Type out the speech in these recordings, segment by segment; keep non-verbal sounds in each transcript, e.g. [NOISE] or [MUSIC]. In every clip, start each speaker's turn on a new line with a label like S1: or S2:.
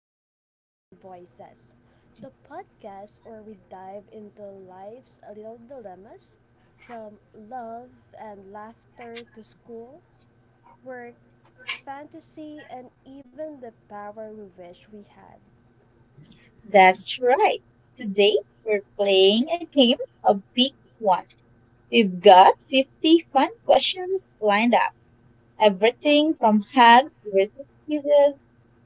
S1: Choices and Voices, the podcast where we dive into life's little dilemmas from love and laughter to school, work, fantasy, and even the power we wish we had.
S2: That's right. Today we're playing a game, a big one. We've got 50 fun questions lined up. Everything from hugs versus kisses,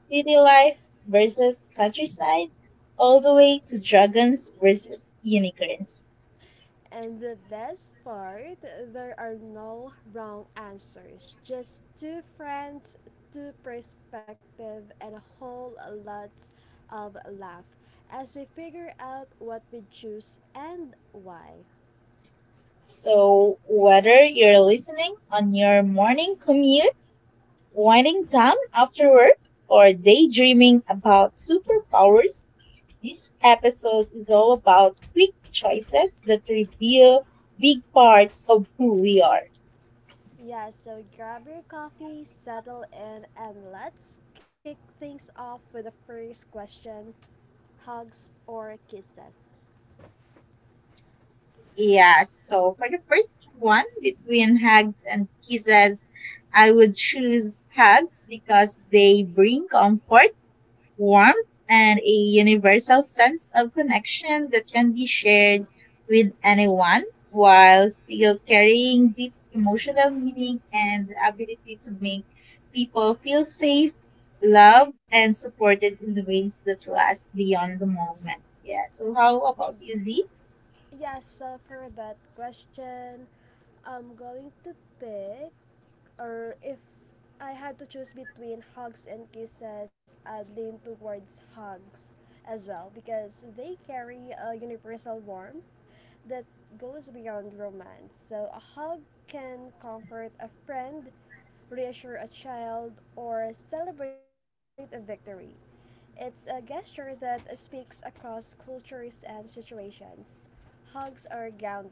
S2: city life versus countryside, all the way to dragons versus unicorns.
S1: And the best part, there are no wrong answers. Just two friends, two perspective, and a whole lots of laugh as we figure out what we choose and why.
S2: So, whether you're listening on your morning commute winding down after work or daydreaming about superpowers, this episode is all about quick choices that reveal big parts of who we are.
S1: Yeah, so grab your coffee, settle in, and let's kick things off with the first question, hugs or kisses?
S2: Yeah, so for the first one, between hugs and kisses, I would choose hugs because they bring comfort warmth, and a universal sense of connection that can be shared with anyone while still carrying deep emotional meaning and the ability to make people feel safe, loved, and supported in the ways that last beyond the moment. Yeah, so how about you, Z?
S1: Yes, for that question, I'm going to pick, or if I had to choose between hugs and kisses, I'd lean towards hugs as well because they carry a universal warmth that goes beyond romance. So, a hug can comfort a friend, reassure a child, or celebrate a victory. It's a gesture that speaks across cultures and situations. Hugs are grounding.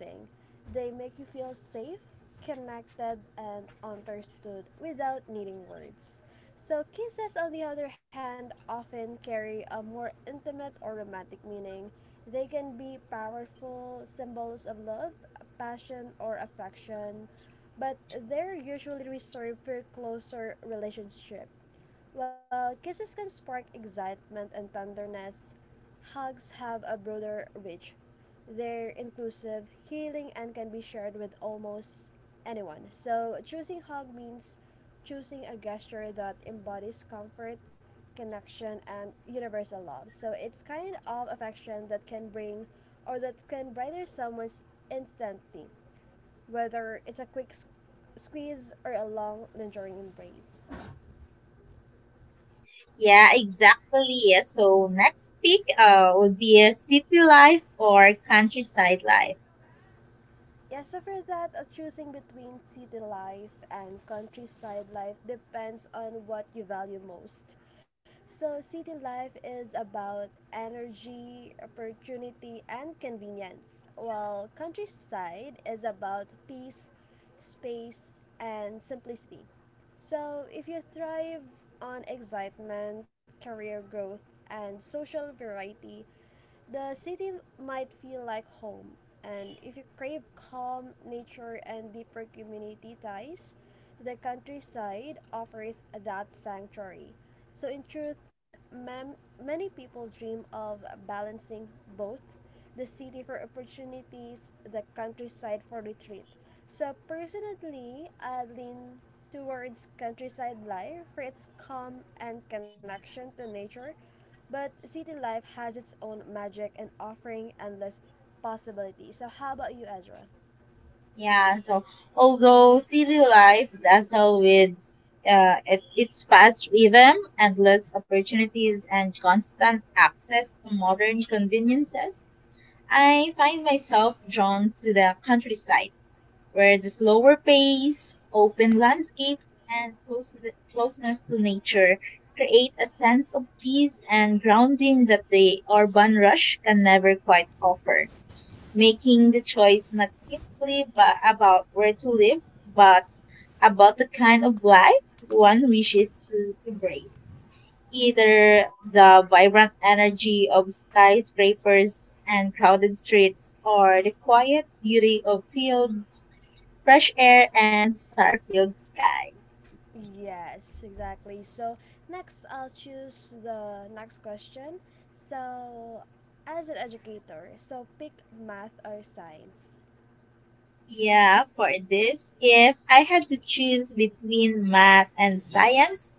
S1: They make you feel safe, connected, and understood without needing words. So, kisses, on the other hand, often carry a more intimate or romantic meaning. They can be powerful symbols of love, passion, or affection, but they're usually reserved for closer relationships. While kisses can spark excitement and tenderness, hugs have a broader reach. They're inclusive, healing, and can be shared with almost anyone. So, choosing hug means choosing a gesture that embodies comfort, connection, and universal love. So, it's kind of affection that can bring or that can brighten someone's instantly, whether it's a squeeze or a long, lingering embrace.
S2: Yeah, exactly. So next pick would be a city life or countryside life.
S1: Yeah, so for that, choosing between city life and countryside life depends on what you value most. So, city life is about energy, opportunity, and convenience, while countryside is about peace, space, and simplicity. So, if you thrive on excitement, career growth, and social variety, the city might feel like home, and if you crave calm, nature, and deeper community ties, the countryside offers that sanctuary. So, in truth, mam- many people dream of balancing both, the city for opportunities, the countryside for retreat. So, personally, I lean towards countryside life for its calm and connection to nature, but city life has its own magic and offering endless possibilities. So, how about you, Ezra?
S2: Yeah, so although city life dazzles with its fast rhythm, endless opportunities, and constant access to modern conveniences, I find myself drawn to the countryside, where the slower pace, open landscapes, and closeness to nature create a sense of peace and grounding that the urban rush can never quite offer making the choice not simply but about where to live, but about the kind of life one wishes to embrace. Either the vibrant energy of skyscrapers and crowded streets, or the quiet beauty of fields, fresh air, and star filled skies.
S1: Yes, exactly. So, next, I'll choose the next question. So, as an educator, so pick math or science.
S2: Yeah, for this, if I had to choose between math and science,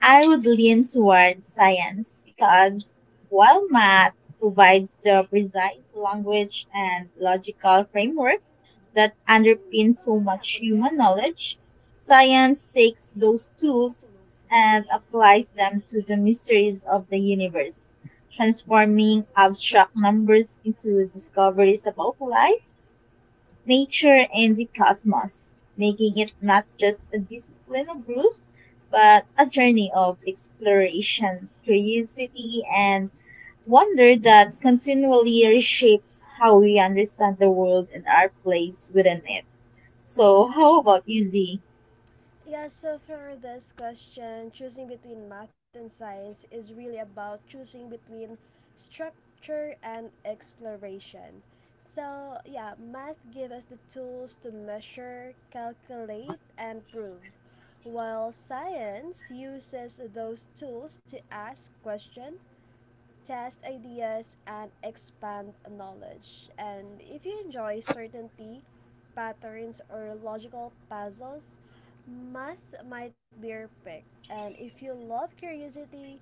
S2: I would lean towards science because while math provides the precise language and logical framework that underpins so much human knowledge, science takes those tools and applies them to the mysteries of the universe, transforming abstract numbers into discoveries about life nature and the cosmos, making it not just a discipline of rules, but a journey of exploration, curiosity, and wonder that continually reshapes how we understand the world and our place within it. So, how about you, Z?
S1: Yeah, so for this question, choosing between math and science is really about choosing between structure and exploration. So, yeah, math gives us the tools to measure, calculate, and prove, while science uses those tools to ask questions, test ideas, and expand knowledge. And if you enjoy certainty, patterns, or logical puzzles, math might be your pick. And if you love curiosity,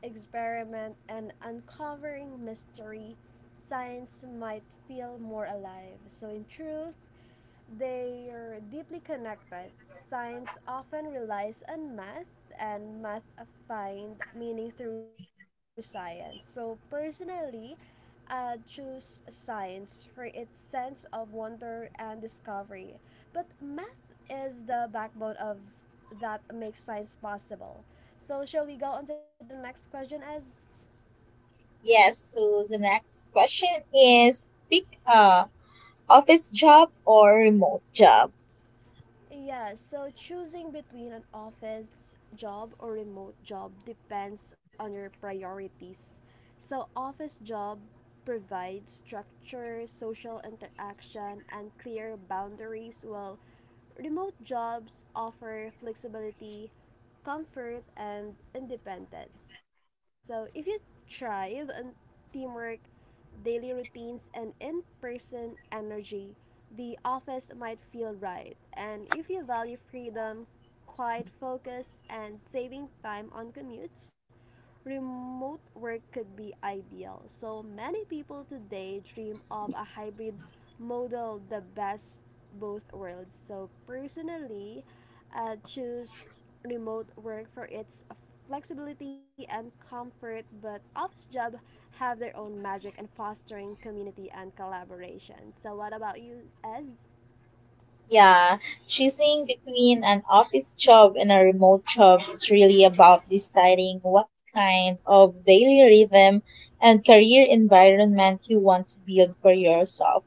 S1: experiment, and uncovering mystery, science might feel more alive. So, in truth, they are deeply connected. Science often relies on math, and math find meaning through science. So, personally, choose science for its sense of wonder and discovery. But math is the backbone of that makes science possible. So, shall we go on to the next question, as?
S2: Yes, so the next question is pick a office job or remote job.
S1: Yeah, so choosing between an office job or remote job depends on your priorities. So, office job provides structure, social interaction, and clear boundaries, while remote jobs offer flexibility, comfort, and independence. So, if you thrive on teamwork, daily routines, and in person energy, the office might feel right. And if you value freedom, quiet focus, and saving time on commutes, remote work could be ideal. So many people today dream of a hybrid model, the best both worlds. So personally, I choose remote work for its flexibility and comfort, but office jobs have their own magic and fostering community and collaboration. So, what about you, Ez?
S2: Yeah, choosing between an office job and a remote job is really about deciding what kind of daily rhythm and career environment you want to build for yourself.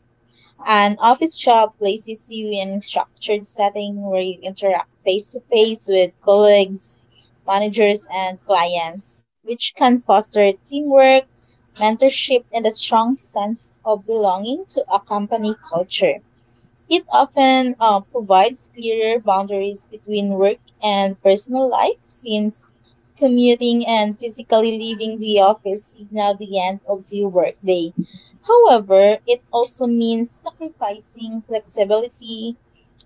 S2: An office job places you in a structured setting where you interact face to face with colleagues, managers, and clients, which can foster teamwork, mentorship, and a strong sense of belonging to a company culture. It often provides clearer boundaries between work and personal life since commuting and physically leaving the office signal the end of the workday. However, it also means sacrificing flexibility,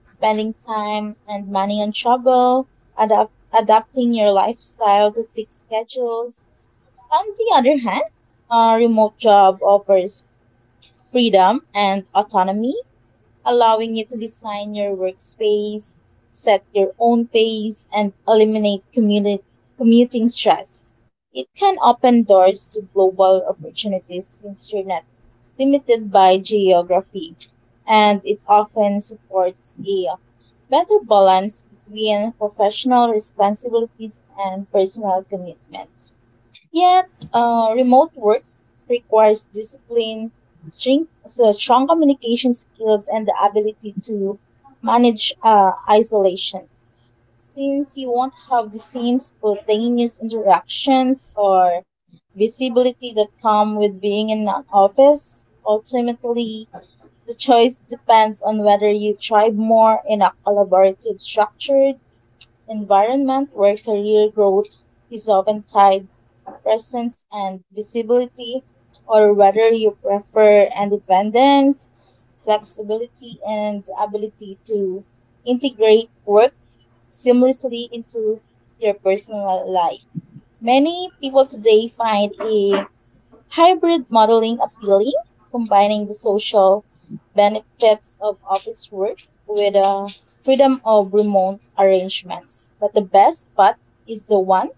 S2: spending time and money on travel, adapt- adapting your lifestyle to fixed schedules. On the other hand, a remote job offers freedom and autonomy allowing you to design your workspace, set your own pace, and eliminate commuting stress. It can open doors to global opportunities since you're not limited by geography, and it often supports a better balance between professional responsibilities and personal commitments. Yet, remote work requires discipline, strength, so strong communication skills, and the ability to manage isolations. Since you won't have the same spontaneous interactions or visibility that come with being in an office, ultimately, the choice depends on whether you thrive more in a collaborative, structured environment where career growth is often tied presence and visibility, or whether you prefer independence, flexibility, and ability to integrate work seamlessly into your personal life. Many people today find a hybrid modeling appealing, combining the social benefits of office work with the freedom of remote arrangements. But the best part is the one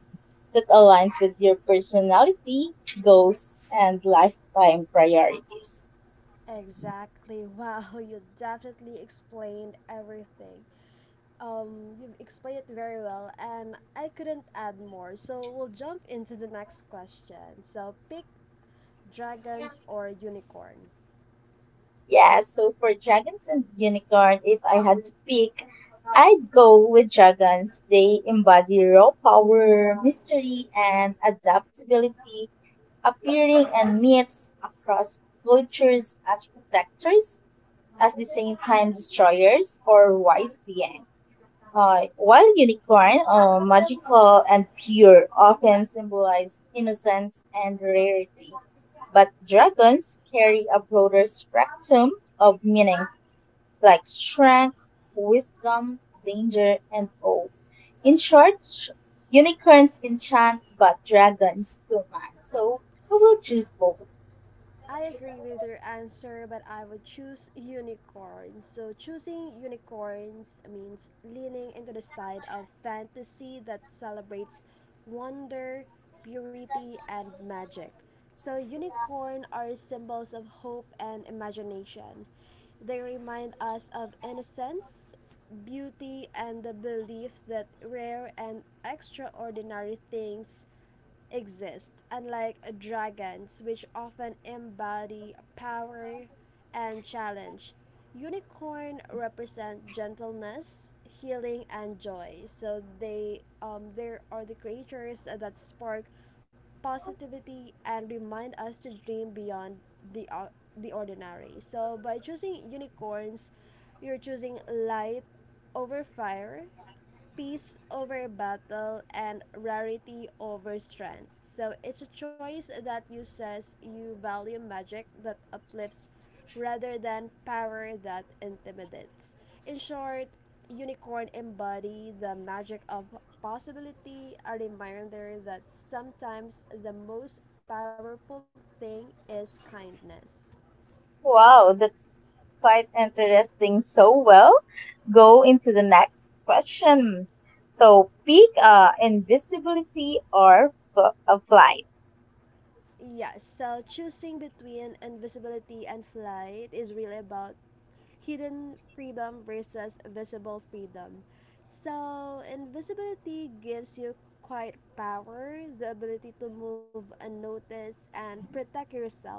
S2: that aligns with your personality, goals, and lifetime priorities.
S1: Exactly. [LAUGHS] Wow, you definitely explained everything. You've explained it very well, and I couldn't add more. So we'll jump into the next question. So pick dragons or unicorn.
S2: Yeah, so for dragons and unicorn, if I had to pick, I'd go with dragons. They embody raw power, mystery, and adaptability, appearing in myths across cultures as protectors, as the same time destroyers or wise beings. While unicorn, magical and pure, often symbolize innocence and rarity, but dragons carry a broader spectrum of meaning, like strength, wisdom, danger, and awe. In short, unicorns enchant, but dragons command. So we will choose both.
S1: I agree with your answer, but I would choose unicorns. So, choosing unicorns means leaning into the side of fantasy that celebrates wonder, purity, and magic. So, unicorn are symbols of hope and imagination. They remind us of innocence, beauty, and the belief that rare and extraordinary things exist, unlike dragons, which often embody power and challenge. Unicorn represent gentleness, healing, and joy. So they there are the creatures that spark positivity and remind us to dream beyond the ordinary. So by choosing unicorns, you're choosing light over fire, peace over battle, and rarity over strength. So it's a choice that you says you value magic that uplifts rather than power that intimidates. In short, unicorn embody the magic of possibility, a reminder that sometimes the most powerful thing is kindness.
S2: Wow, that's quite interesting. So well, go into the next question. So peak invisibility or a flight?
S1: Yes, so choosing between invisibility and flight is really about hidden freedom versus visible freedom. So, invisibility gives you quiet power, the ability to move unnoticed and protect yourself,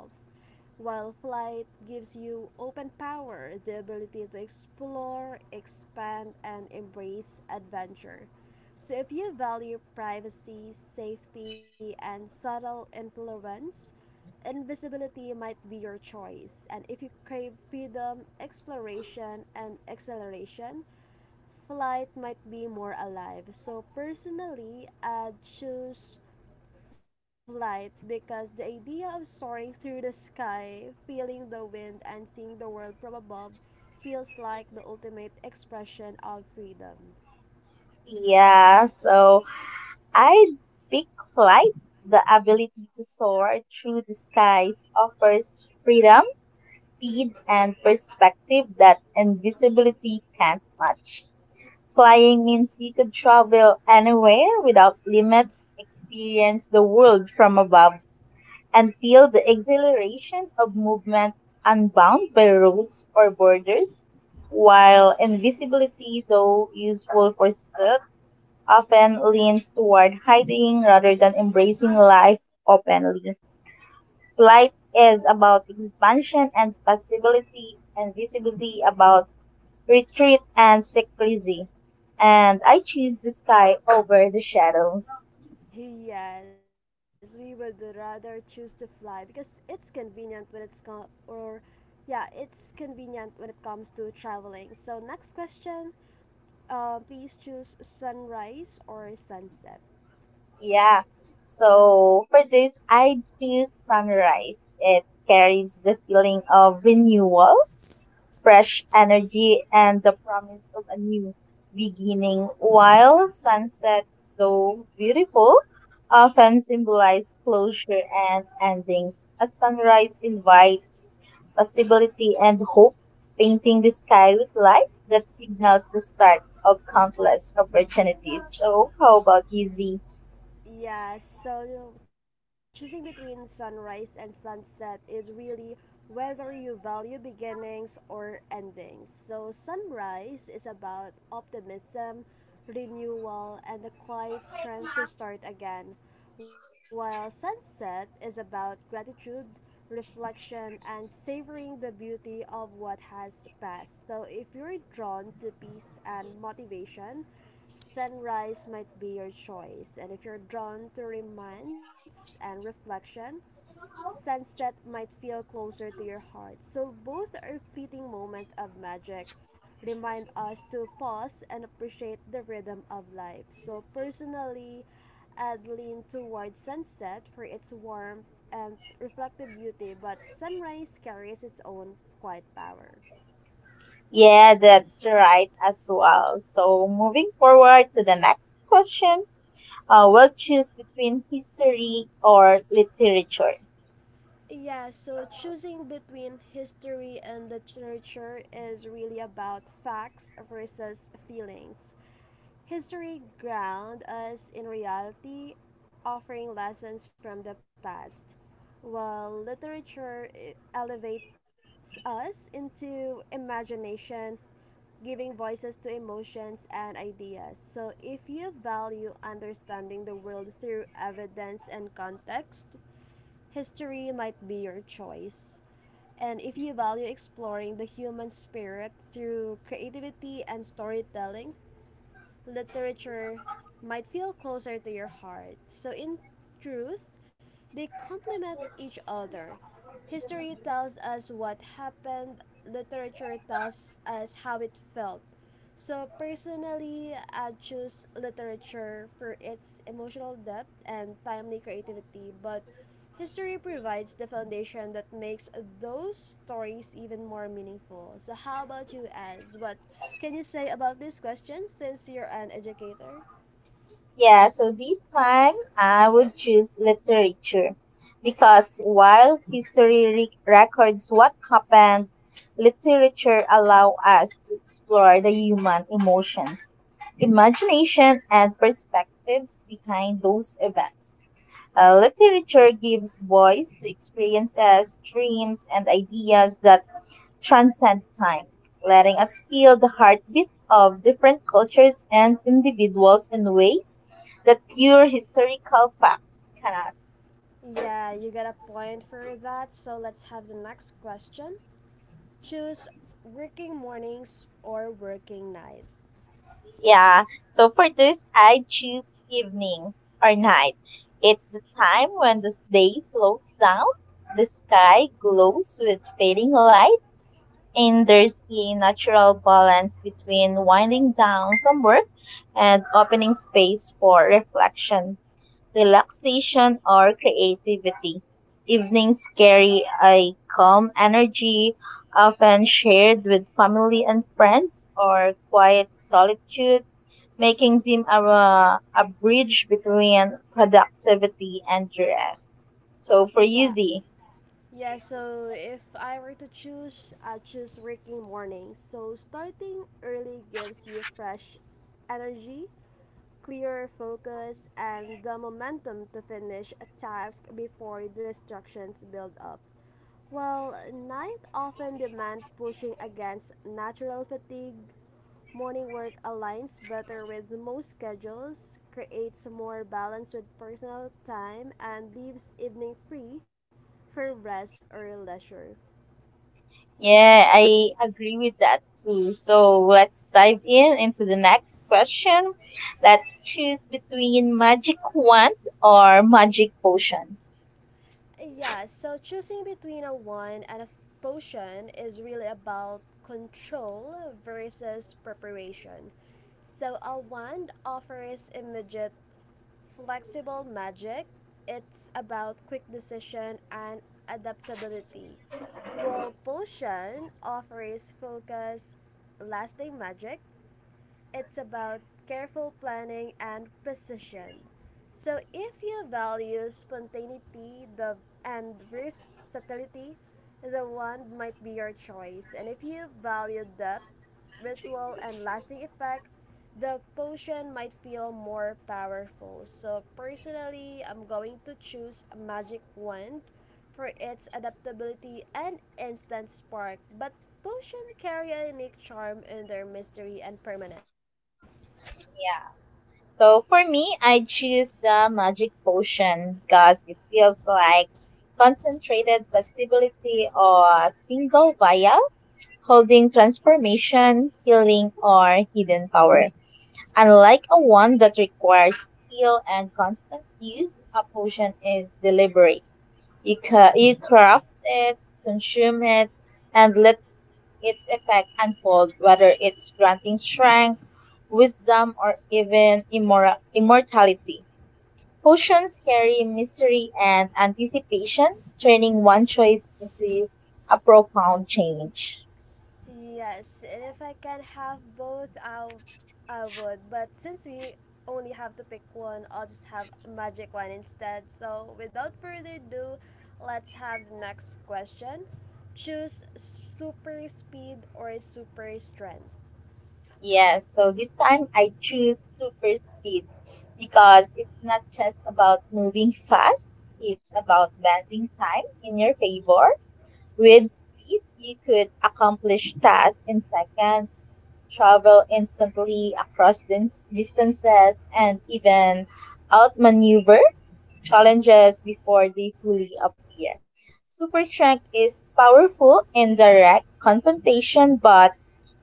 S1: while flight gives you open power, the ability to explore, expand, and embrace adventure. So, if you value privacy, safety, and subtle influence, invisibility might be your choice. And if you crave freedom, exploration, and acceleration, flight might be more alive. So, personally, I choose flight because the idea of soaring through the sky, feeling the wind, and seeing the world from above feels like the ultimate expression of freedom.
S2: Yeah, so I pick flight. The ability to soar through the skies offers freedom, speed, and perspective that invisibility can't match. Flying means you could travel anywhere without limits, experience the world from above and feel the exhilaration of movement unbound by rules or borders, while invisibility, though useful for stealth, often leans toward hiding rather than embracing life openly. Flight is about expansion and possibility, and visibility about retreat and secrecy. And I choose the sky over the shadows.
S1: Yes, we would rather choose to fly because it's convenient when it comes to traveling. So next question, please choose sunrise or sunset.
S2: Yeah. So for this, I choose sunrise. It carries the feeling of renewal, fresh energy, and the promise of a new beginning. While sunsets, though beautiful, often symbolize closure and endings. A sunrise invites possibility and hope, painting the sky with light that signals the start of countless opportunities. So, how about you, Z?
S1: Yes, so you know, choosing between sunrise and sunset is really whether you value beginnings or endings. So, sunrise is about optimism, renewal, and the quiet strength to start again, while sunset is about gratitude, reflection, and savoring the beauty of what has passed. So, if you're drawn to peace and motivation, sunrise might be your choice, and if you're drawn to romance and reflection, sunset might feel closer to your heart. So both are fleeting moments of magic. Remind us to pause and appreciate the rhythm of life. So personally, I'd lean towards sunset for its warmth and reflective beauty, but sunrise carries its own quiet power.
S2: Yeah, that's right as well. So, moving forward to the next question, we'll choose between history or literature.
S1: Yeah, so choosing between history and literature is really about facts versus feelings. History ground us in reality, offering lessons from the past, while literature elevates us into imagination, giving voices to emotions and ideas. So, if you value understanding the world through evidence and context, history might be your choice. And if you value exploring the human spirit through creativity and storytelling, literature might feel closer to your heart. So, in truth, they complement each other. History tells us what happened, literature tells us how it felt. So, personally, I choose literature for its emotional depth and timely creativity, but history provides the foundation that makes those stories even more meaningful. So, how about you, Az? What can you say about this question since you're an educator?
S2: Yeah, so this time I would choose literature because while history records what happened, literature allow us to explore the human emotions, imagination, and perspectives behind those events. Literature gives voice to experiences, dreams, and ideas that transcend time, letting us feel the heartbeat of different cultures and individuals in ways that pure historical facts cannot.
S1: Yeah, you got a point for that. So, let's have the next question. Choose working mornings or working night?
S2: Yeah, so for this, I choose evening or night. It's the time when the day slows down, the sky glows with fading light and there's a natural balance between winding down from work and opening space for reflection, relaxation, or creativity. Evenings carry a calm energy, often shared with family and friends, or quiet solitude, making them a bridge between productivity and rest. So for you,
S1: Yeah.
S2: Z,
S1: Yeah, so if I were to choose, I choose working mornings. So starting early gives you fresh energy, clearer focus, and the momentum to finish a task before distractions build up. While night often demand pushing against natural fatigue, morning work aligns better with most schedules, creates more balance with personal time, and leaves evening free for rest or leisure.
S2: yeah, I agree with that too. So let's dive in into the next question. Let's choose between magic wand or magic potion.
S1: Yeah, so choosing between a wine and a potion is really about control versus preparation. So, a wand offers immediate, flexible magic. It's about quick decision and adaptability. While potion offers focus, lasting magic, it's about careful planning and precision. So, if you value and versatility, the wand might be your choice. And if you value depth, ritual, and lasting effect, the potion might feel more powerful. So, personally, I'm going to choose a magic wand for its adaptability and instant spark, but potions carry a unique charm in their mystery and permanence.
S2: Yeah. So for me, I choose the magic potion because it feels like concentrated possibility or a single vial holding transformation, healing, or hidden power. Unlike a wand that requires skill and constant use, a potion is deliberate. You craft it, consume it, and let its effect unfold, whether it's granting strength, wisdom, or even immortality. Potions carry mystery and anticipation, turning one choice into a profound change.
S1: Yes, and if I can have both, I would. But since we only have to pick one, I'll just have a magic one instead. So without further ado, let's have the next question. Choose super speed or super strength.
S2: Yes, so this time I choose super speed because it's not just about moving [LAUGHS] fast, it's about bending time in your favor. With speed, you could accomplish tasks in seconds, travel instantly across distances, and even outmaneuver challenges before they fully appear. Super strength is powerful in direct confrontation, but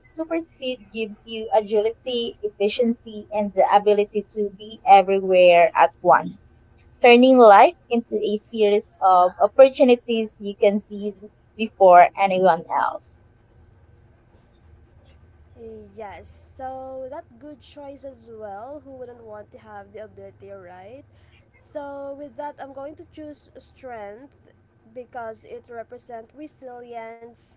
S2: super speed gives you agility, efficiency, and the ability to be everywhere at once, turning life into a series of opportunities you can seize before anyone else.
S1: Yes, so that good choice as well. Who wouldn't want to have the ability, right? So with that, I'm going to choose strength because it represents resilience,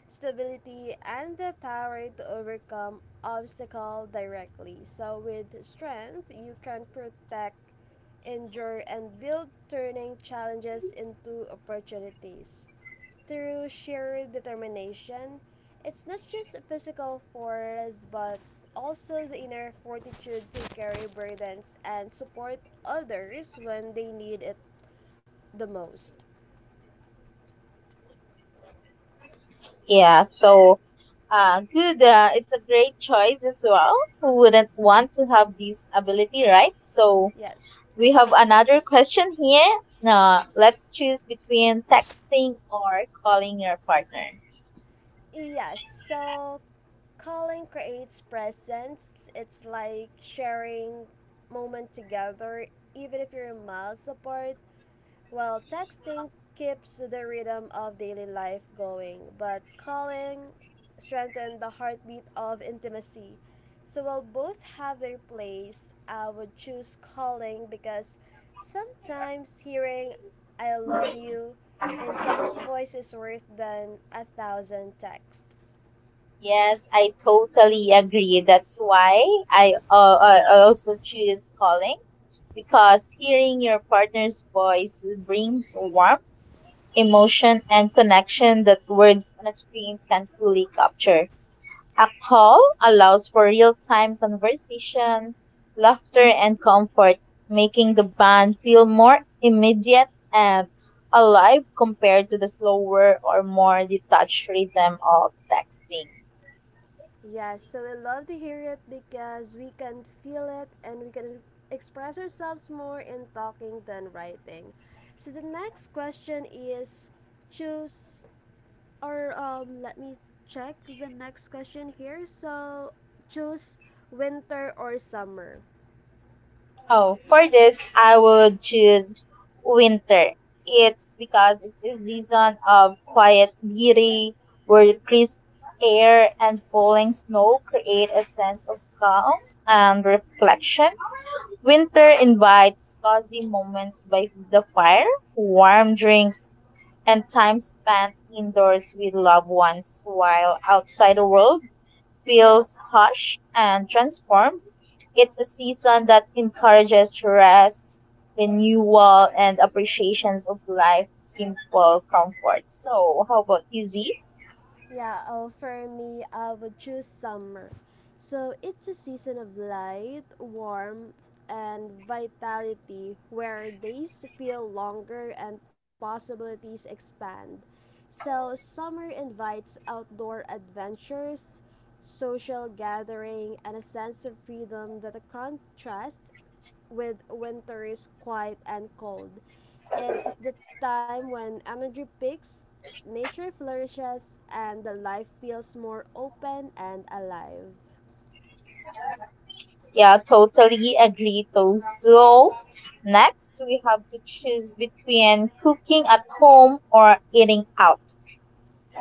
S1: stability, and the power to overcome obstacle directly. So with strength, you can protect endure, and build, turning challenges into opportunities. Through sheer determination, it's not just physical force but also the inner fortitude to carry burdens and support others when they need it the most.
S2: Yeah, so good. It's a great choice as well. Who wouldn't want to have this ability, right? So,
S1: Yes.
S2: we have another question here. Let's choose between texting or calling your partner.
S1: Yes. So calling creates presence. It's like sharing moment together even if you're miles apart. While texting keeps the rhythm of daily life going, but calling strengthens the heartbeat of intimacy. So while both have their place, I would choose calling because sometimes hearing I love you in someone's voice is worth than a thousand texts.
S2: Yes, I totally agree. That's why I also choose calling because hearing your partner's voice brings warmth, emotion, and connection that words on a screen can not fully capture. A call allows for real time conversation, laughter, and comfort, making the band feel more immediate and alive compared to the slower or more detached rhythm of texting.
S1: Yes, so we love to hear it because we can feel it and we can express ourselves more in talking than writing. So the next question is choose or let me check the next question here. So choose winter or summer.
S2: Oh, for this, I would choose winter. It's because it's a season of quiet beauty where crisp air and falling snow create a sense of calm and reflection. Winter invites cozy moments by the fire, warm drinks, and time spent indoors with loved ones while outside the world feels hush and transformed. It's a season that encourages rest, renewal, and appreciations of life, simple comfort. So, how about you, Z?
S1: Yeah, oh, for me, I would choose summer. So it's a season of light, warmth, and vitality where days feel longer and possibilities expand. So summer invites outdoor adventures, social gathering, and a sense of freedom that contrasts with winter is quiet and cold. It's the time when energy peaks, nature flourishes, and the life feels more open and alive.
S2: Yeah, totally agree, Toast. So, next we have to choose between cooking at home or eating out.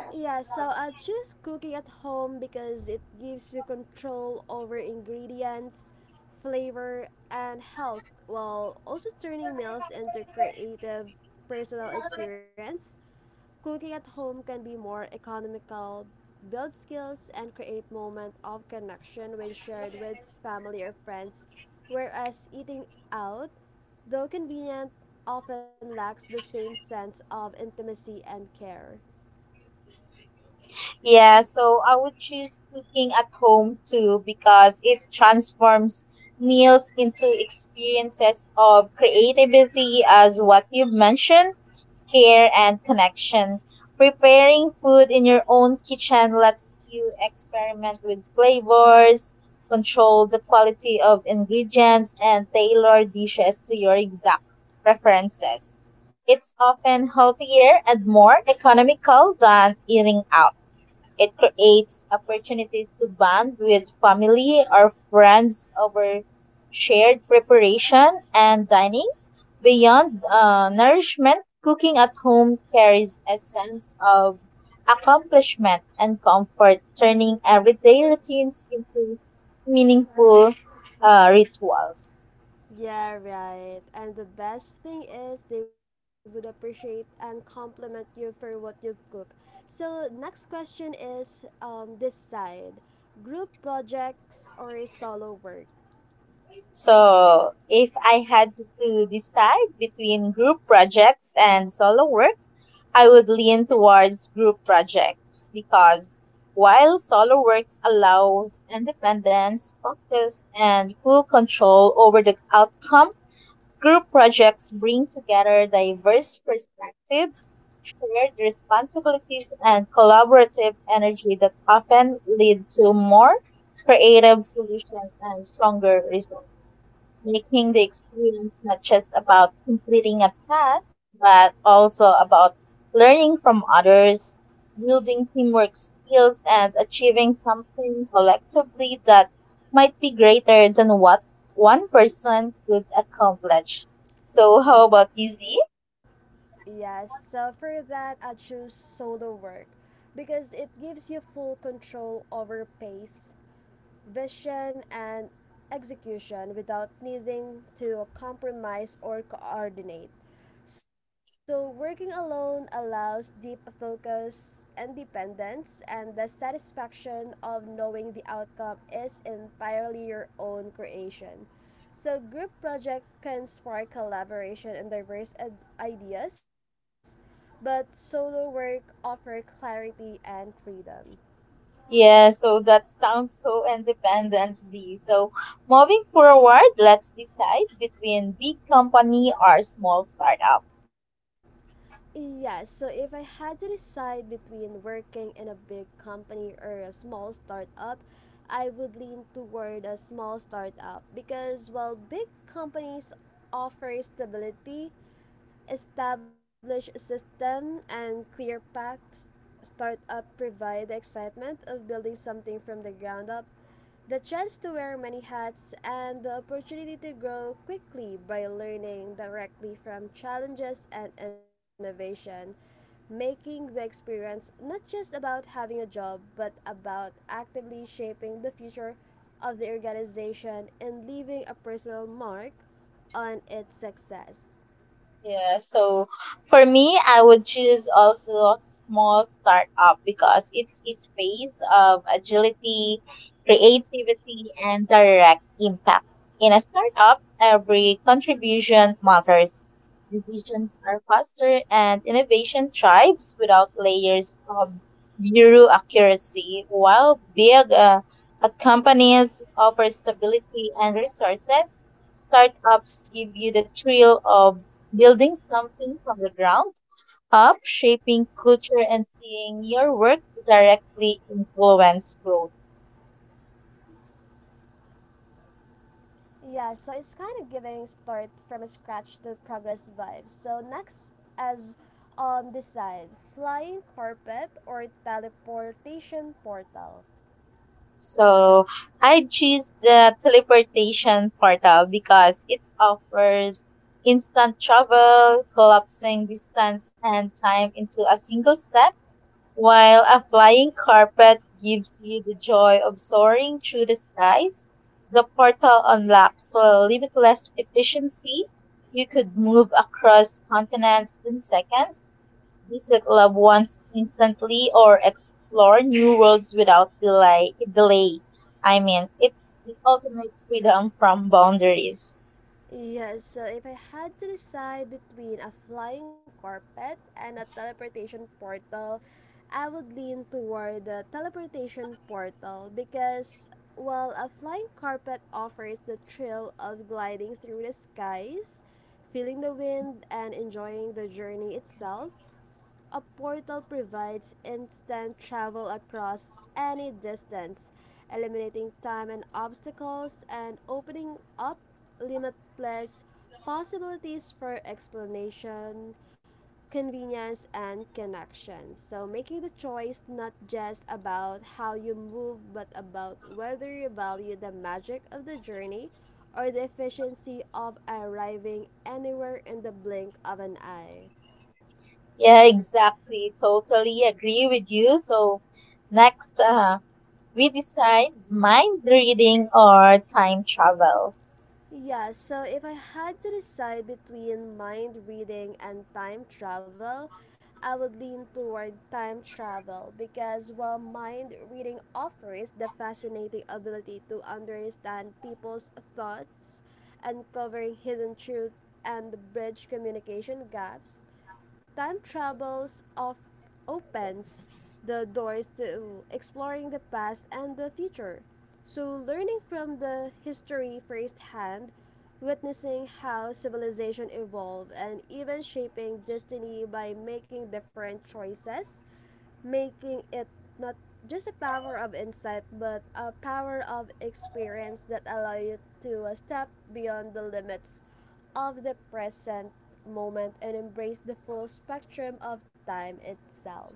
S1: Yeah, so I choose cooking at home because it gives you control over ingredients, flavor, and health, while also turning meals into creative personal experience. Cooking at home can be more economical, build skills, and create moment of connection when shared with family or friends, whereas eating out, though convenient, often lacks the same sense of intimacy and care.
S2: Yeah, so I would choose cooking at home too because it transforms meals into experiences of creativity, as what you've mentioned. Care, and connection. Preparing food in your own kitchen lets you experiment with flavors, control the quality of ingredients, and tailor dishes to your exact preferences. It's often healthier and more economical than eating out. It creates opportunities to bond with family or friends over shared preparation and dining. Beyond nourishment, cooking at home carries a sense of accomplishment and comfort, turning everyday routines into meaningful rituals.
S1: Yeah, right. And the best thing is they would appreciate and compliment you for what you've cooked. So, next question is, this side, group projects or solo work?
S2: So, if I had to decide between group projects and solo work, I would lean towards group projects because while solo works allows independence, focus, and full control over the outcome, group projects bring together diverse perspectives, shared responsibilities, and collaborative energy that often lead to more creative solutions and stronger results, making the experience not just about completing a task, but also about learning from others, building teamwork skills, and achieving something collectively that might be greater than what one person could accomplish. So, how
S1: Y-
S2: about you, Z?
S1: Yes, so for that, I choose solo work because it gives you full control over pace, vision, and execution without needing to compromise or coordinate. So, working alone allows deep focus, independence, and the satisfaction of knowing the outcome is entirely your own creation. So, group project can spark collaboration and diverse ideas, but solo work offer clarity and freedom.
S2: Yeah, so that sounds so independent, Z. So, moving forward, let's decide between big company or small startup.
S1: Yeah, so if I had to decide between working in a big company or a small startup, I would lean toward a small startup because while big companies offer stability, establish a system and clear paths. Startup provide the excitement of building something from the ground up, the chance to wear many hats, and the opportunity to grow quickly by learning directly from challenges and innovation, making the experience not just about having a job but about actively shaping the future of the organization and leaving a personal mark on its success.
S2: Yeah, so for me, I would choose also a small startup because it's a space of agility, creativity, and direct impact. In a startup, every contribution matters. Decisions are faster and innovation thrives without layers of bureaucracy. While big companies offer stability and resources, startups give you the thrill of building something from the ground up, shaping culture, and seeing your work directly influence growth.
S1: Yeah, so it's kind of giving start from a scratch to progress vibes. So next, as decide flying carpet or teleportation portal.
S2: So, I choose the teleportation portal because it offers instant travel, collapsing distance and time into a single step. While a flying carpet gives you the joy of soaring through the skies, the portal unlocks limitless efficiency. You could move across continents in seconds, visit loved ones instantly, or explore new worlds without delay. I mean, it's the ultimate freedom from boundaries.
S1: Yes, so if I had to decide between a flying carpet and a teleportation portal, I would lean toward the teleportation portal because, while a flying carpet offers the thrill of gliding through the skies, feeling the wind, and enjoying the journey itself, a portal provides instant travel across any distance, eliminating time and obstacles and opening up limitless possibilities for explanation, convenience, and connection. So, making the choice not just about how you move, but about whether you value the magic of the journey or the efficiency of arriving anywhere in the blink of an eye.
S2: Yeah, exactly. Totally agree with you. So, next, we decide mind reading or time travel.
S1: Yeah, so if I had to decide between mind reading and time travel, I would lean toward time travel because while mind reading offers the fascinating ability to understand people's thoughts, uncovering hidden truths, and bridge communication gaps, time travels of opens the doors to exploring the past and the future. So, learning from the history firsthand, witnessing how civilization evolved, and even shaping destiny by making different choices, making it not just a power of insight but a power of experience that allow you to step beyond the limits of the present moment and embrace the full spectrum of time itself.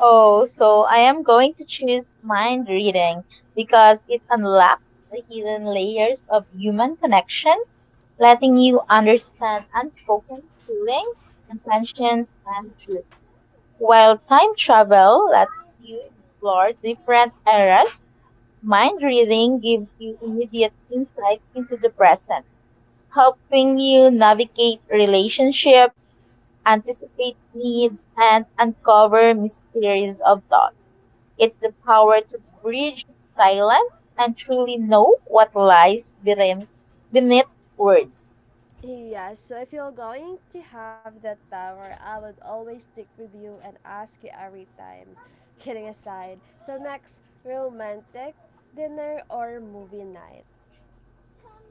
S2: Oh, so I am going to choose mind reading because it unlocks the hidden layers of human connection, letting you understand unspoken feelings, intentions, and truth. While time travel lets you explore different eras, mind reading gives you immediate insight into the present, helping you navigate relationships, anticipate needs, and uncover mysteries of thought. It's the power to bridge silence and truly know what lies beneath words.
S1: Yeah, so if you're going to have that power, I would always stick with you and ask you every time. Kidding aside. So next, romantic dinner or movie night.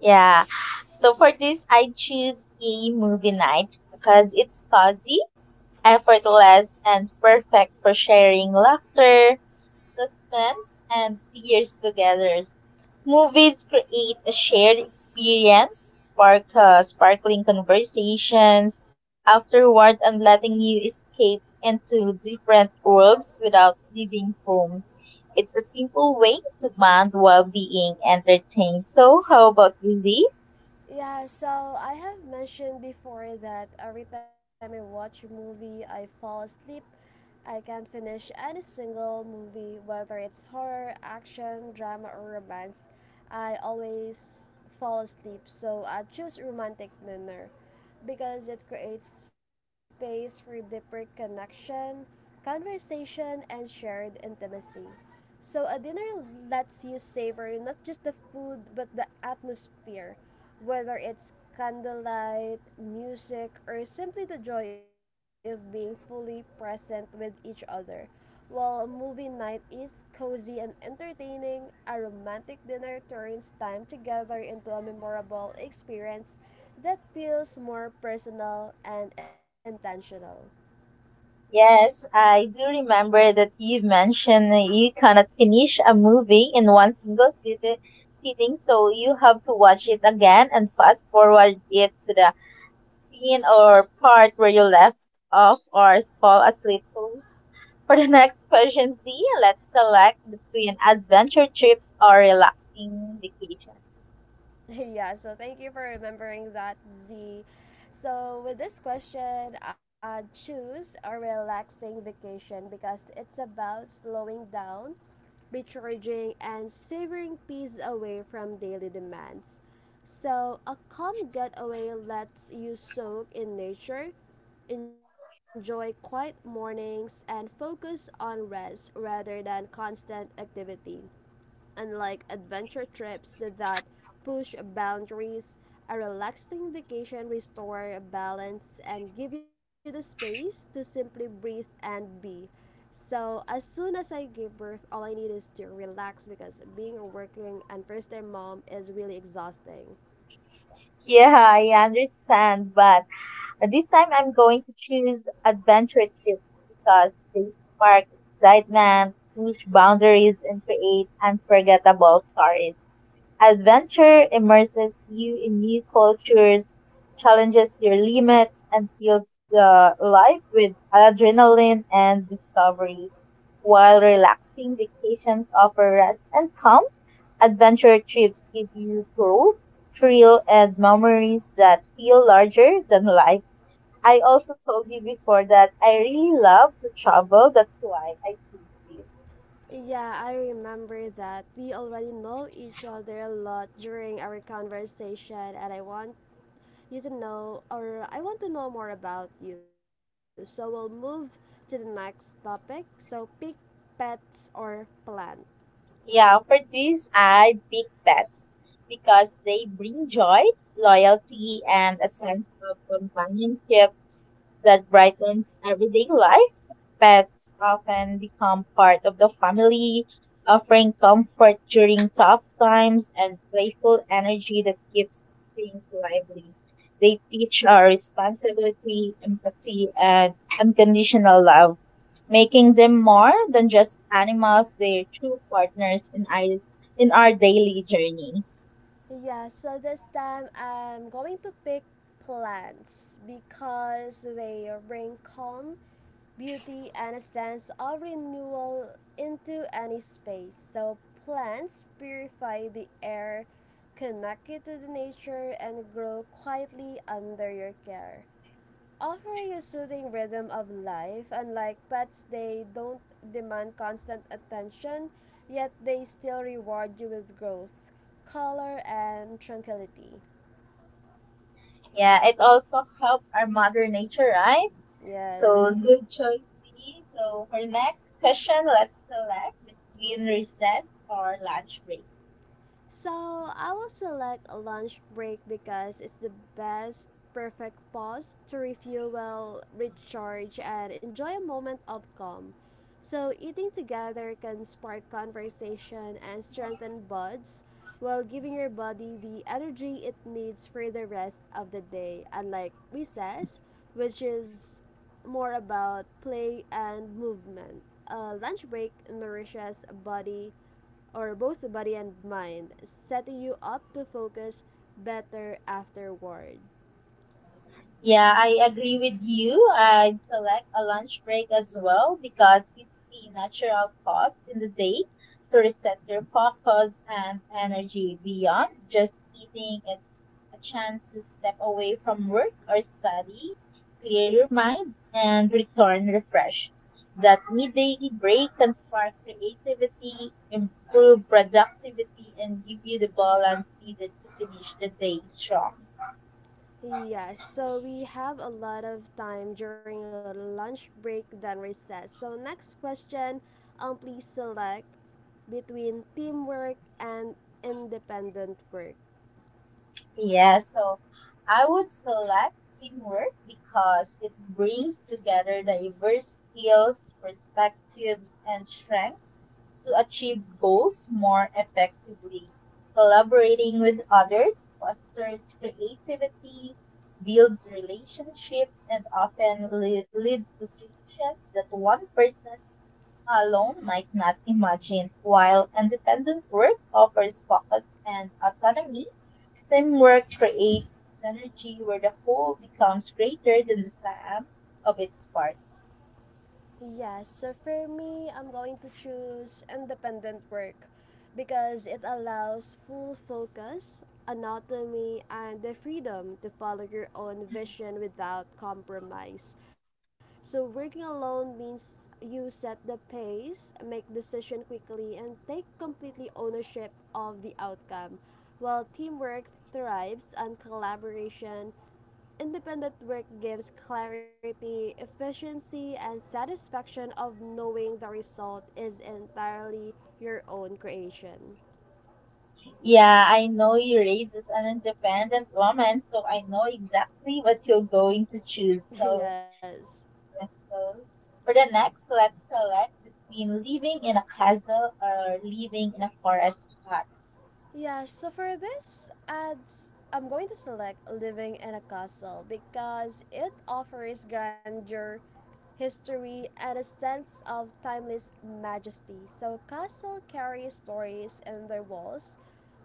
S2: Yeah. So, for this, I choose a movie night because it's cozy, effortless, and perfect for sharing laughter, suspense, and tears together. Movies create a shared experience, spark, sparkling conversations afterward, and letting you escape into different worlds without leaving home. It's a simple way to bond while being entertained. So, how about you, Z?
S1: Yeah, so I have mentioned before that every time I watch a movie, I fall asleep. I can't finish any single movie, whether it's horror, action, drama, or romance. I always fall asleep, so I choose romantic dinner because it creates space for deeper connection, conversation, and shared intimacy. So, a dinner lets you savor not just the food but the atmosphere, whether it's candlelight, music, or simply the joy of being fully present with each other. While a movie night is cozy and entertaining, a romantic dinner turns time together into a memorable experience that feels more personal and intentional.
S2: Yes, I do remember that you mentioned that you cannot finish a movie in one single sitting, so you have to watch it again and fast forward it to the scene or part where you left off or fall asleep. So, for the [LAUGHS] next question, Z, let's select between adventure trips or relaxing vacations.
S1: [LAUGHS] Yeah, so thank you for remembering that, Z. So, with this question, choose a relaxing vacation because it's about slowing down, recharging, and savoring peace away from daily demands. So, a calm getaway lets you soak in nature, enjoy quiet mornings, and focus on rest rather than constant activity. Unlike adventure trips that push boundaries, a relaxing vacation restore balance and give you the space to simply breathe and be. So as soon as I gave birth, all I need is to relax because being a working and first time mom is really exhausting.
S2: Yeah, I understand, but this time I'm going to choose adventure trips because they spark excitement, push boundaries, and create unforgettable stories. Adventure immerses you in new cultures, challenges your limits, and fills the life with adrenaline and discovery. While relaxing vacations offer rest and calm, adventure trips give you growth, thrill, and memories that feel larger than life. I also told you before that I really love to travel. That's why I did this.
S1: Yeah, I remember that we already know each other a lot during our conversation, and I want you to know, or I want to know more about you. So we'll move to the next topic. So, pick pets or plant.
S2: Yeah, for this, I'd pick pets because they bring joy, loyalty, and a sense of companionship that brightens everyday life. Pets often become part of the family, offering comfort during tough times and playful energy that keeps things lively. They teach our responsibility, empathy, and unconditional love, making them more than just animals, they're true partners in in our daily journey.
S1: Yeah, so this time I'm going to pick plants because they bring calm, beauty, and a sense of renewal into any space. So, plants purify the air, connect you to the nature, and grow quietly under your care. Offering a soothing rhythm of life, unlike pets, they don't demand constant attention, yet they still reward you with growth, color, and tranquility.
S2: Yeah, it also helps our mother nature, right? So,
S1: Yes.
S2: good choice, Dee. So, for the next question, let's select between recess or lunch break.
S1: So I will select a lunch break because it's the best perfect pause to refuel well, recharge and enjoy a moment of calm. So eating together can spark conversation and strengthen bonds while giving your body the energy it needs for the rest of the day, unlike recess, which is more about play and movement. A lunch break nourishes body, or both the body and mind, setting you up to focus better afterward.
S2: Yeah, I agree with you. I'd select a lunch break as well because it's a natural pause in the day to reset your focus and energy beyond just eating. It's a chance to step away from work or study, clear your mind, and return refreshed. That midday break can spark creativity, improve productivity, and give you the balance needed to finish the day strong.
S1: Yes, so we have a lot of time during our lunch break than recess. So next question, please select between teamwork and independent work.
S2: Yeah, so I would select teamwork because it brings together diverse skills, perspectives, and strengths to achieve goals more effectively. Collaborating with others fosters creativity, builds relationships, and often leads to solutions that one person alone might not imagine. While independent work offers focus and autonomy, teamwork creates synergy where the whole becomes greater than the sum of its parts.
S1: Yes, so for me, I'm going to choose independent work because it allows full focus, autonomy, and the freedom to follow your own vision without compromise. So working alone means you set the pace, make decision quickly, and take completely ownership of the outcome. While teamwork thrives on collaboration, independent work gives clarity, efficiency, and satisfaction of knowing the result is entirely your own creation.
S2: Yeah, I know you raises an independent woman, so I know exactly what you're going to choose. So,
S1: [LAUGHS] Yes.
S2: let's go. For the next, let's select between living in a castle or living in a forest hut.
S1: Yeah, so for this ads, I'm going to select living in a castle because it offers grandeur, history, and a sense of timeless majesty. So, castle carry stories in their walls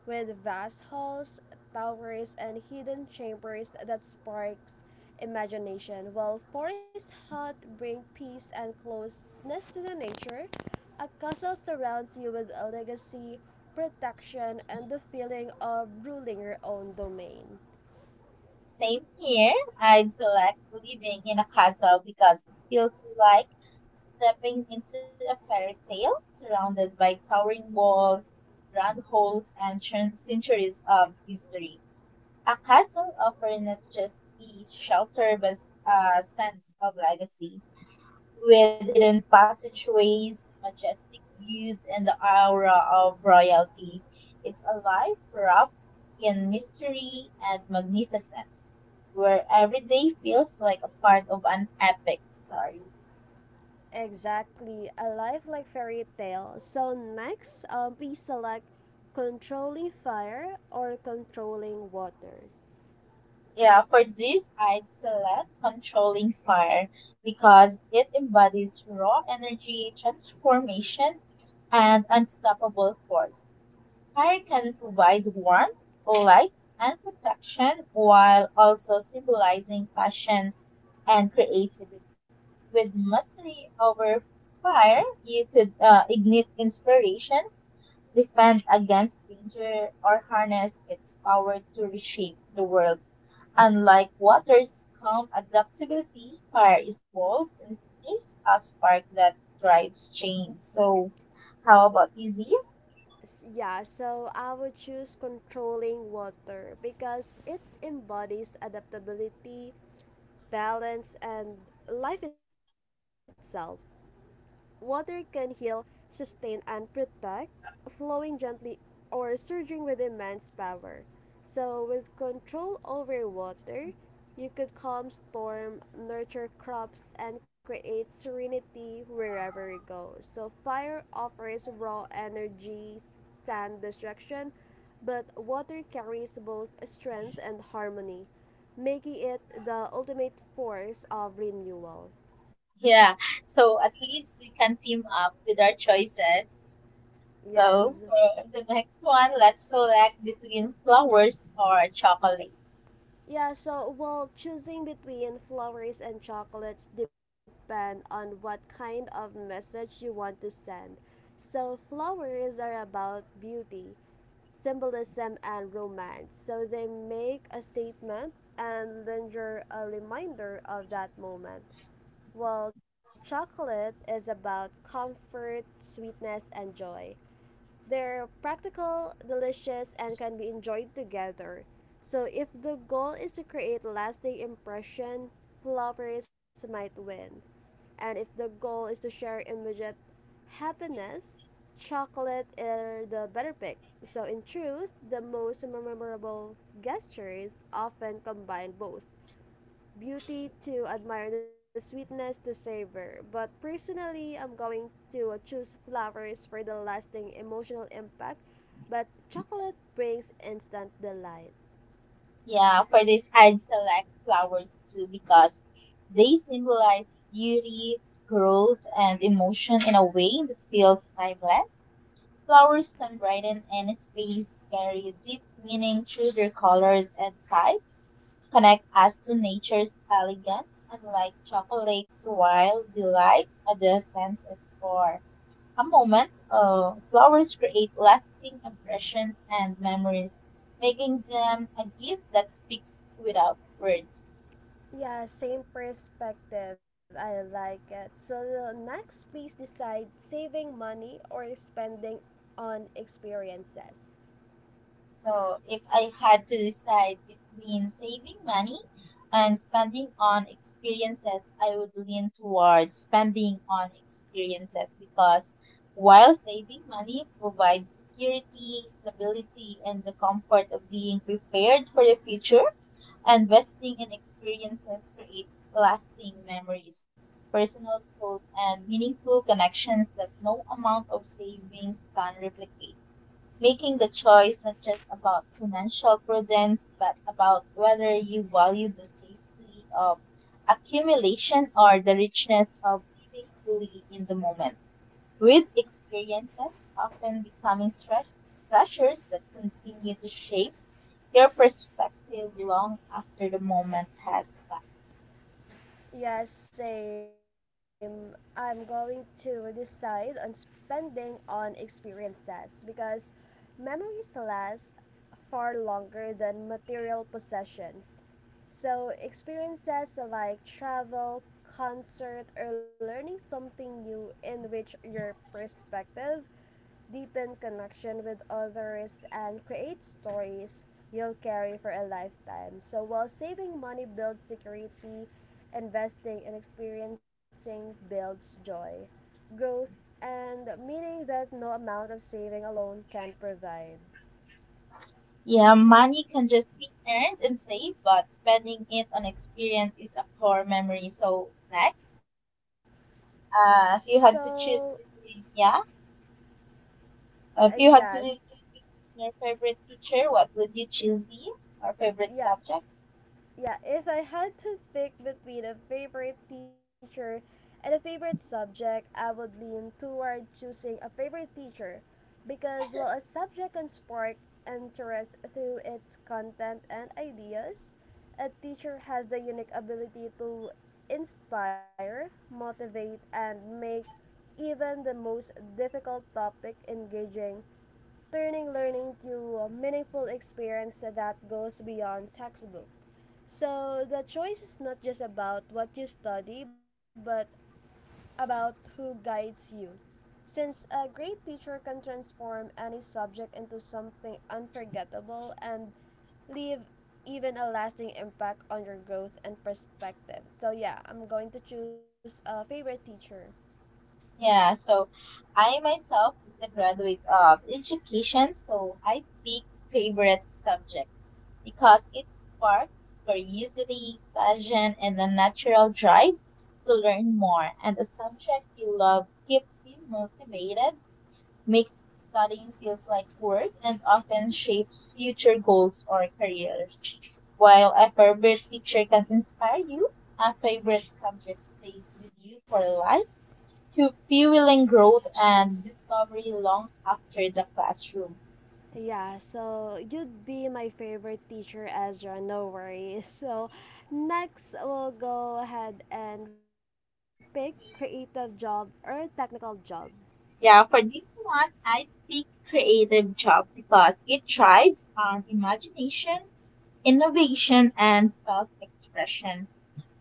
S1: with vast halls, towers, and hidden chambers that sparks imagination. While forests hut bring peace and closeness to the nature, a castle surrounds you with a legacy, protection, and the feeling of ruling your own domain.
S2: Same here. I'd select living in a castle because it feels like stepping into a fairy tale surrounded by towering walls, grand halls, and centuries of history. A castle offers not just ease, shelter, but a sense of legacy, with hidden passageways, majestic views, and the aura of royalty. It's alive, wrapped in mystery and magnificence, where every day feels like a part of an epic story.
S1: Exactly, a life like fairy tale. So next, please select controlling fire or controlling water.
S2: Yeah, for this, I'd select controlling fire because it embodies raw energy, transformation, and unstoppable force. Fire can provide warmth, light, and protection while also symbolizing passion and creativity. With mastery over fire, you could ignite inspiration, defend against danger, or harness its power to reshape the world. Unlike water's calm adaptability, fire is bold and is a spark that drives change. So, how about you, Z?
S1: Yeah, so I would choose controlling water because it embodies adaptability, balance, and life itself. Water can heal, sustain, and protect, flowing gently or surging with immense power. So, with control over water, you could calm storm, nurture crops, and create serenity wherever you go. So, fire offers raw energy, sand destruction, but water carries both strength and harmony, making it the ultimate force of renewal.
S2: Yeah, so at least we can team up with our choices.
S1: Yes.
S2: So, for the next one, let's select between flowers or chocolates.
S1: Yeah, so well, choosing between flowers and chocolates depend on what kind of message you want to send. So flowers are about beauty, symbolism and romance. So they make a statement and linger a reminder of that moment. While chocolate is about comfort, sweetness and joy. They're practical, delicious, and can be enjoyed together. So if the goal is to create a lasting impression, flowers might win. And if the goal is to share immediate happiness, chocolate are the better pick. So in truth, the most memorable gestures often combine both beauty to admire, the sweetness to savor. But personally, I'm going to choose flowers for the lasting emotional impact, but chocolate brings instant delight.
S2: Yeah, for this, I'd select flowers too because they symbolize beauty, growth, and emotion in a way that feels timeless. Flowers can brighten any space, carry deep meaning through their colors and types, connect us to nature's elegance, and like chocolate's wild delight the senses for a moment. Flowers create lasting impressions and memories, making them a gift that speaks without words.
S1: Yeah, same perspective. I like it. So the next, please decide saving money or spending on experiences.
S2: So, if I had to decide between saving money and spending on experiences, I would lean towards spending on experiences because while saving money provides security, stability, and the comfort of being prepared for the future, investing in experiences creates lasting memories, personal growth, and meaningful connections that no amount of savings can replicate, making the choice not just about financial prudence, but about whether you value the safety of accumulation or the richness of living fully in the moment. With experiences often becoming treasures that continue to shape your perspective long after the moment has passed.
S1: Yes, same. I'm going to decide on spending on experiences because memories last far longer than material possessions. So, experiences like travel, concert, or learning something new enrich your perspective, deepen connection with others, and create stories you'll carry for a lifetime. So, while saving money builds security, investing in experiencing builds joy, growth, and meaning that no amount of saving alone can provide.
S2: Yeah, money can just be earned and saved, but spending it on experience is a core memory. So, next. If you had
S1: So,
S2: to choose between, yeah, if you had to
S1: yes,
S2: choose between your favorite teacher, what would you choose? Z, our favorite
S1: yeah.
S2: subject?
S1: Yeah, if I had to pick between a favorite teacher and a favorite subject, I would lean toward choosing a favorite teacher because while a subject can spark interest through its content and ideas, a teacher has the unique ability to inspire, motivate, and make even the most difficult topic engaging, turning learning to a meaningful experience that goes beyond textbook. So the choice is not just about what you study, but about who guides you. Since a great teacher can transform any subject into something unforgettable and leave even a lasting impact on your growth and perspective. So yeah, I'm going to choose a favorite teacher.
S2: Yeah, so I myself is a graduate of education, so I pick favorite subject because it sparks curiosity, passion, and a natural drive to learn more. And the subject you love keeps you motivated, makes studying feels like work, and often shapes future goals or careers. While a favorite teacher can inspire you, a favorite subject stays with you for life, to fueling growth and discovery long after the classroom.
S1: Yeah, so you'd be my favorite teacher, Ezra, no worries. [LAUGHS] So, next we'll go ahead and pick creative job or technical job.
S2: Yeah, for this one, I pick creative job because it thrives on imagination, innovation, and self-expression.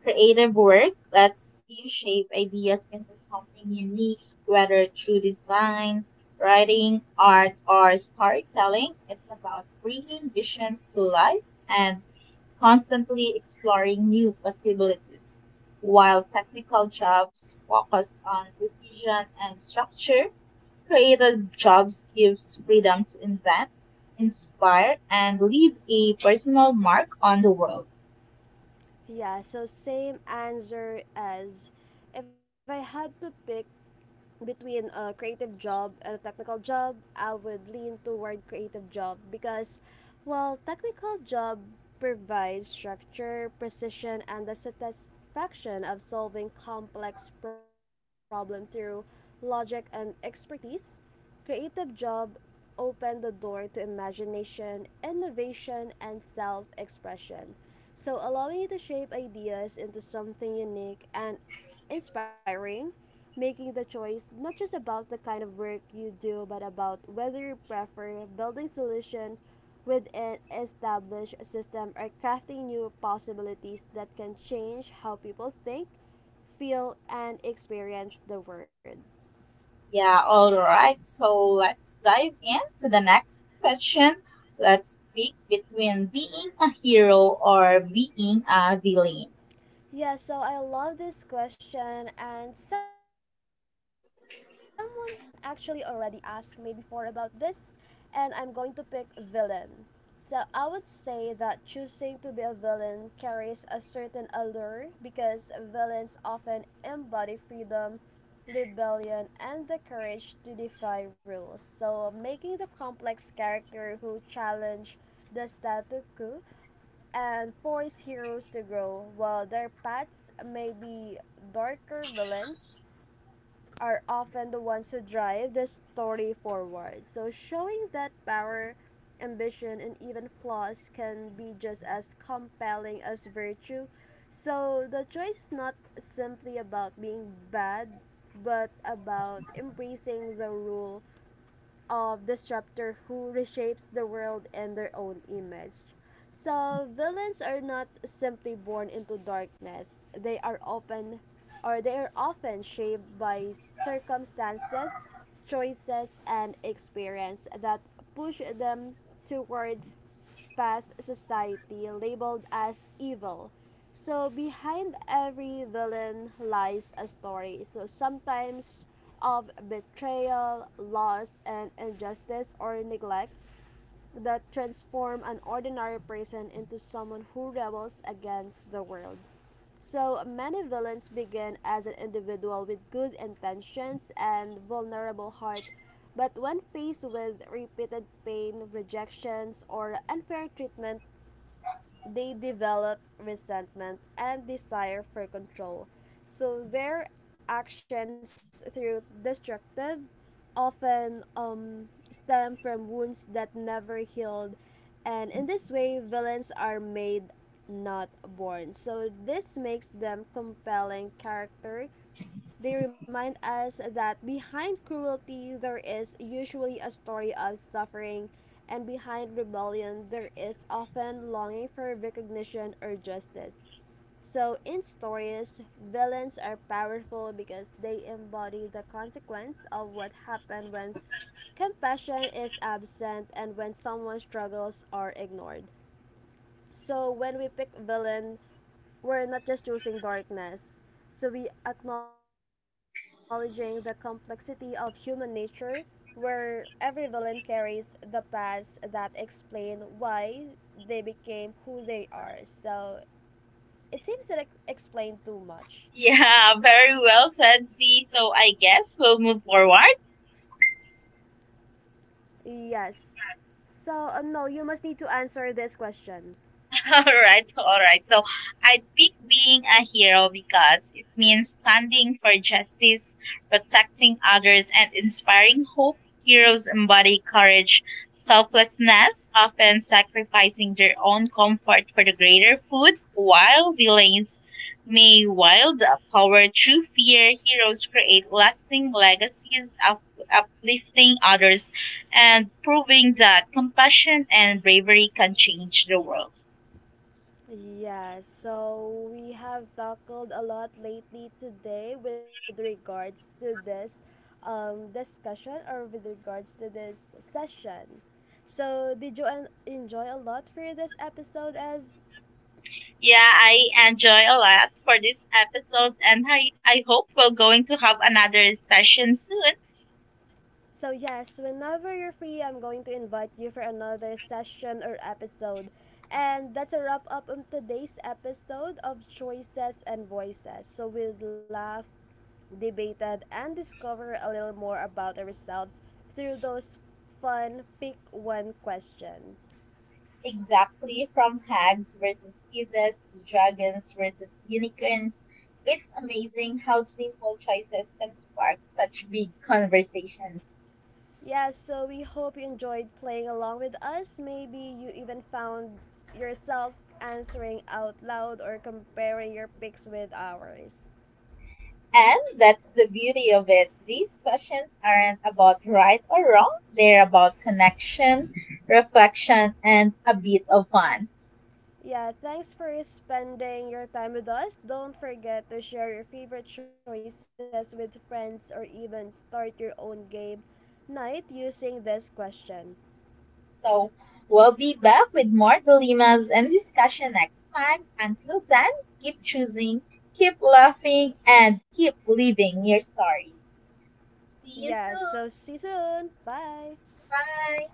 S2: Creative work lets you shape ideas into something unique, whether through design, writing, art, or storytelling. It's about bringing visions to life and constantly exploring new possibilities. While technical jobs focus on precision and structure, creative jobs gives freedom to invent, inspire, and leave a personal mark on the world.
S1: Yeah, so same answer: as if I had to pick between a creative job and a technical job, I would lean toward creative job because while technical job provides structure, precision and the satisfaction of solving complex problem through logic and expertise, creative job open the door to imagination, innovation, and self expression. So, allowing you to shape ideas into something unique and inspiring, making the choice not just about the kind of work you do, but about whether you prefer building solution with an established system or crafting new possibilities that can change how people think, feel, and experience the world.
S2: Yeah, all right. So, let's dive into the next question. Let's pick between being a hero or being a villain.
S1: Yeah, so I love this question, and someone actually already asked me before about this, and I'm going to pick villain. So I would say that choosing to be a villain carries a certain allure because villains often embody freedom, rebellion, and the courage to defy rules. So making the complex character who challenge the statu quo and force heroes to grow. While their paths may be darker, villains are often the ones who drive the story forward. So, showing that power, ambition, and even flaws can be just as compelling as virtue. So, the choice is not simply about being bad, but about embracing the rule of this chapter who reshapes the world in their own image. So villains are not simply born into darkness. They are open or they are often shaped by circumstances, choices and experience that push them towards path society labeled as evil. So behind every villain lies a story. So sometimes of betrayal, loss, and injustice or neglect, that transform an ordinary person into someone who rebels against the world. So many villains begin as an individual with good intentions and vulnerable heart, but when faced with repeated pain, rejections, or unfair treatment, they develop resentment and desire for control. So their actions through destructive often stem from wounds that never healed, and in this way villains are made not born. So this makes them compelling character. They remind us that behind cruelty there is usually a story of suffering, and behind rebellion there is often longing for recognition or justice. So, in stories, villains are powerful because they embody the consequence of what happened when compassion is absent and when someone's struggles are ignored. So when we pick villain, we're not just choosing darkness. So we acknowledging the complexity of human nature where every villain carries the past that explain why they became who they are. So it seems that I explained too much.
S2: Yeah, very well said, Z. So, I guess we'll move forward.
S1: Yes. So no, you must need to answer this question.
S2: [LAUGHS] All right, all right. So, I'd pick being a hero because it means standing for justice, protecting others, and inspiring hope. Heroes embody courage, selflessness, often sacrificing their own comfort for the greater good. While villains may wield power through fear, heroes create lasting legacies, uplifting others, and proving that compassion and bravery can change the world.
S1: Yeah, so we have tackled a lot lately today with regards to this discussion or with regards to this session. So, did you enjoy a lot for this episode, as
S2: Yeah, I enjoy a lot for this episode, and I hope we're going to have another session soon.
S1: So, yes, whenever you're free, I'm going to invite you for another session or episode. And that's a wrap up of today's episode of Choices and Voices. So, we laughed, debated, and discovered a little more about ourselves through those fun pick one question.
S2: Exactly, from hags versus kisses to dragons versus unicorns. It's amazing how simple choices can spark such big conversations.
S1: Yes, so we hope you enjoyed playing along with us. Maybe you even found yourself answering out loud or comparing your picks with ours.
S2: And that's the beauty of it. These questions aren't about right or wrong, they're about connection, reflection, and a bit of fun.
S1: Yeah, thanks for spending your time with us. Don't forget to share your favorite choices with friends or even start your own game night using this question.
S2: So, we'll be back with more dilemmas and discussion next time. Until then, keep choosing, keep laughing, and keep living your story. See you
S1: Yeah, so
S2: soon.
S1: see you soon. Bye.
S2: Bye.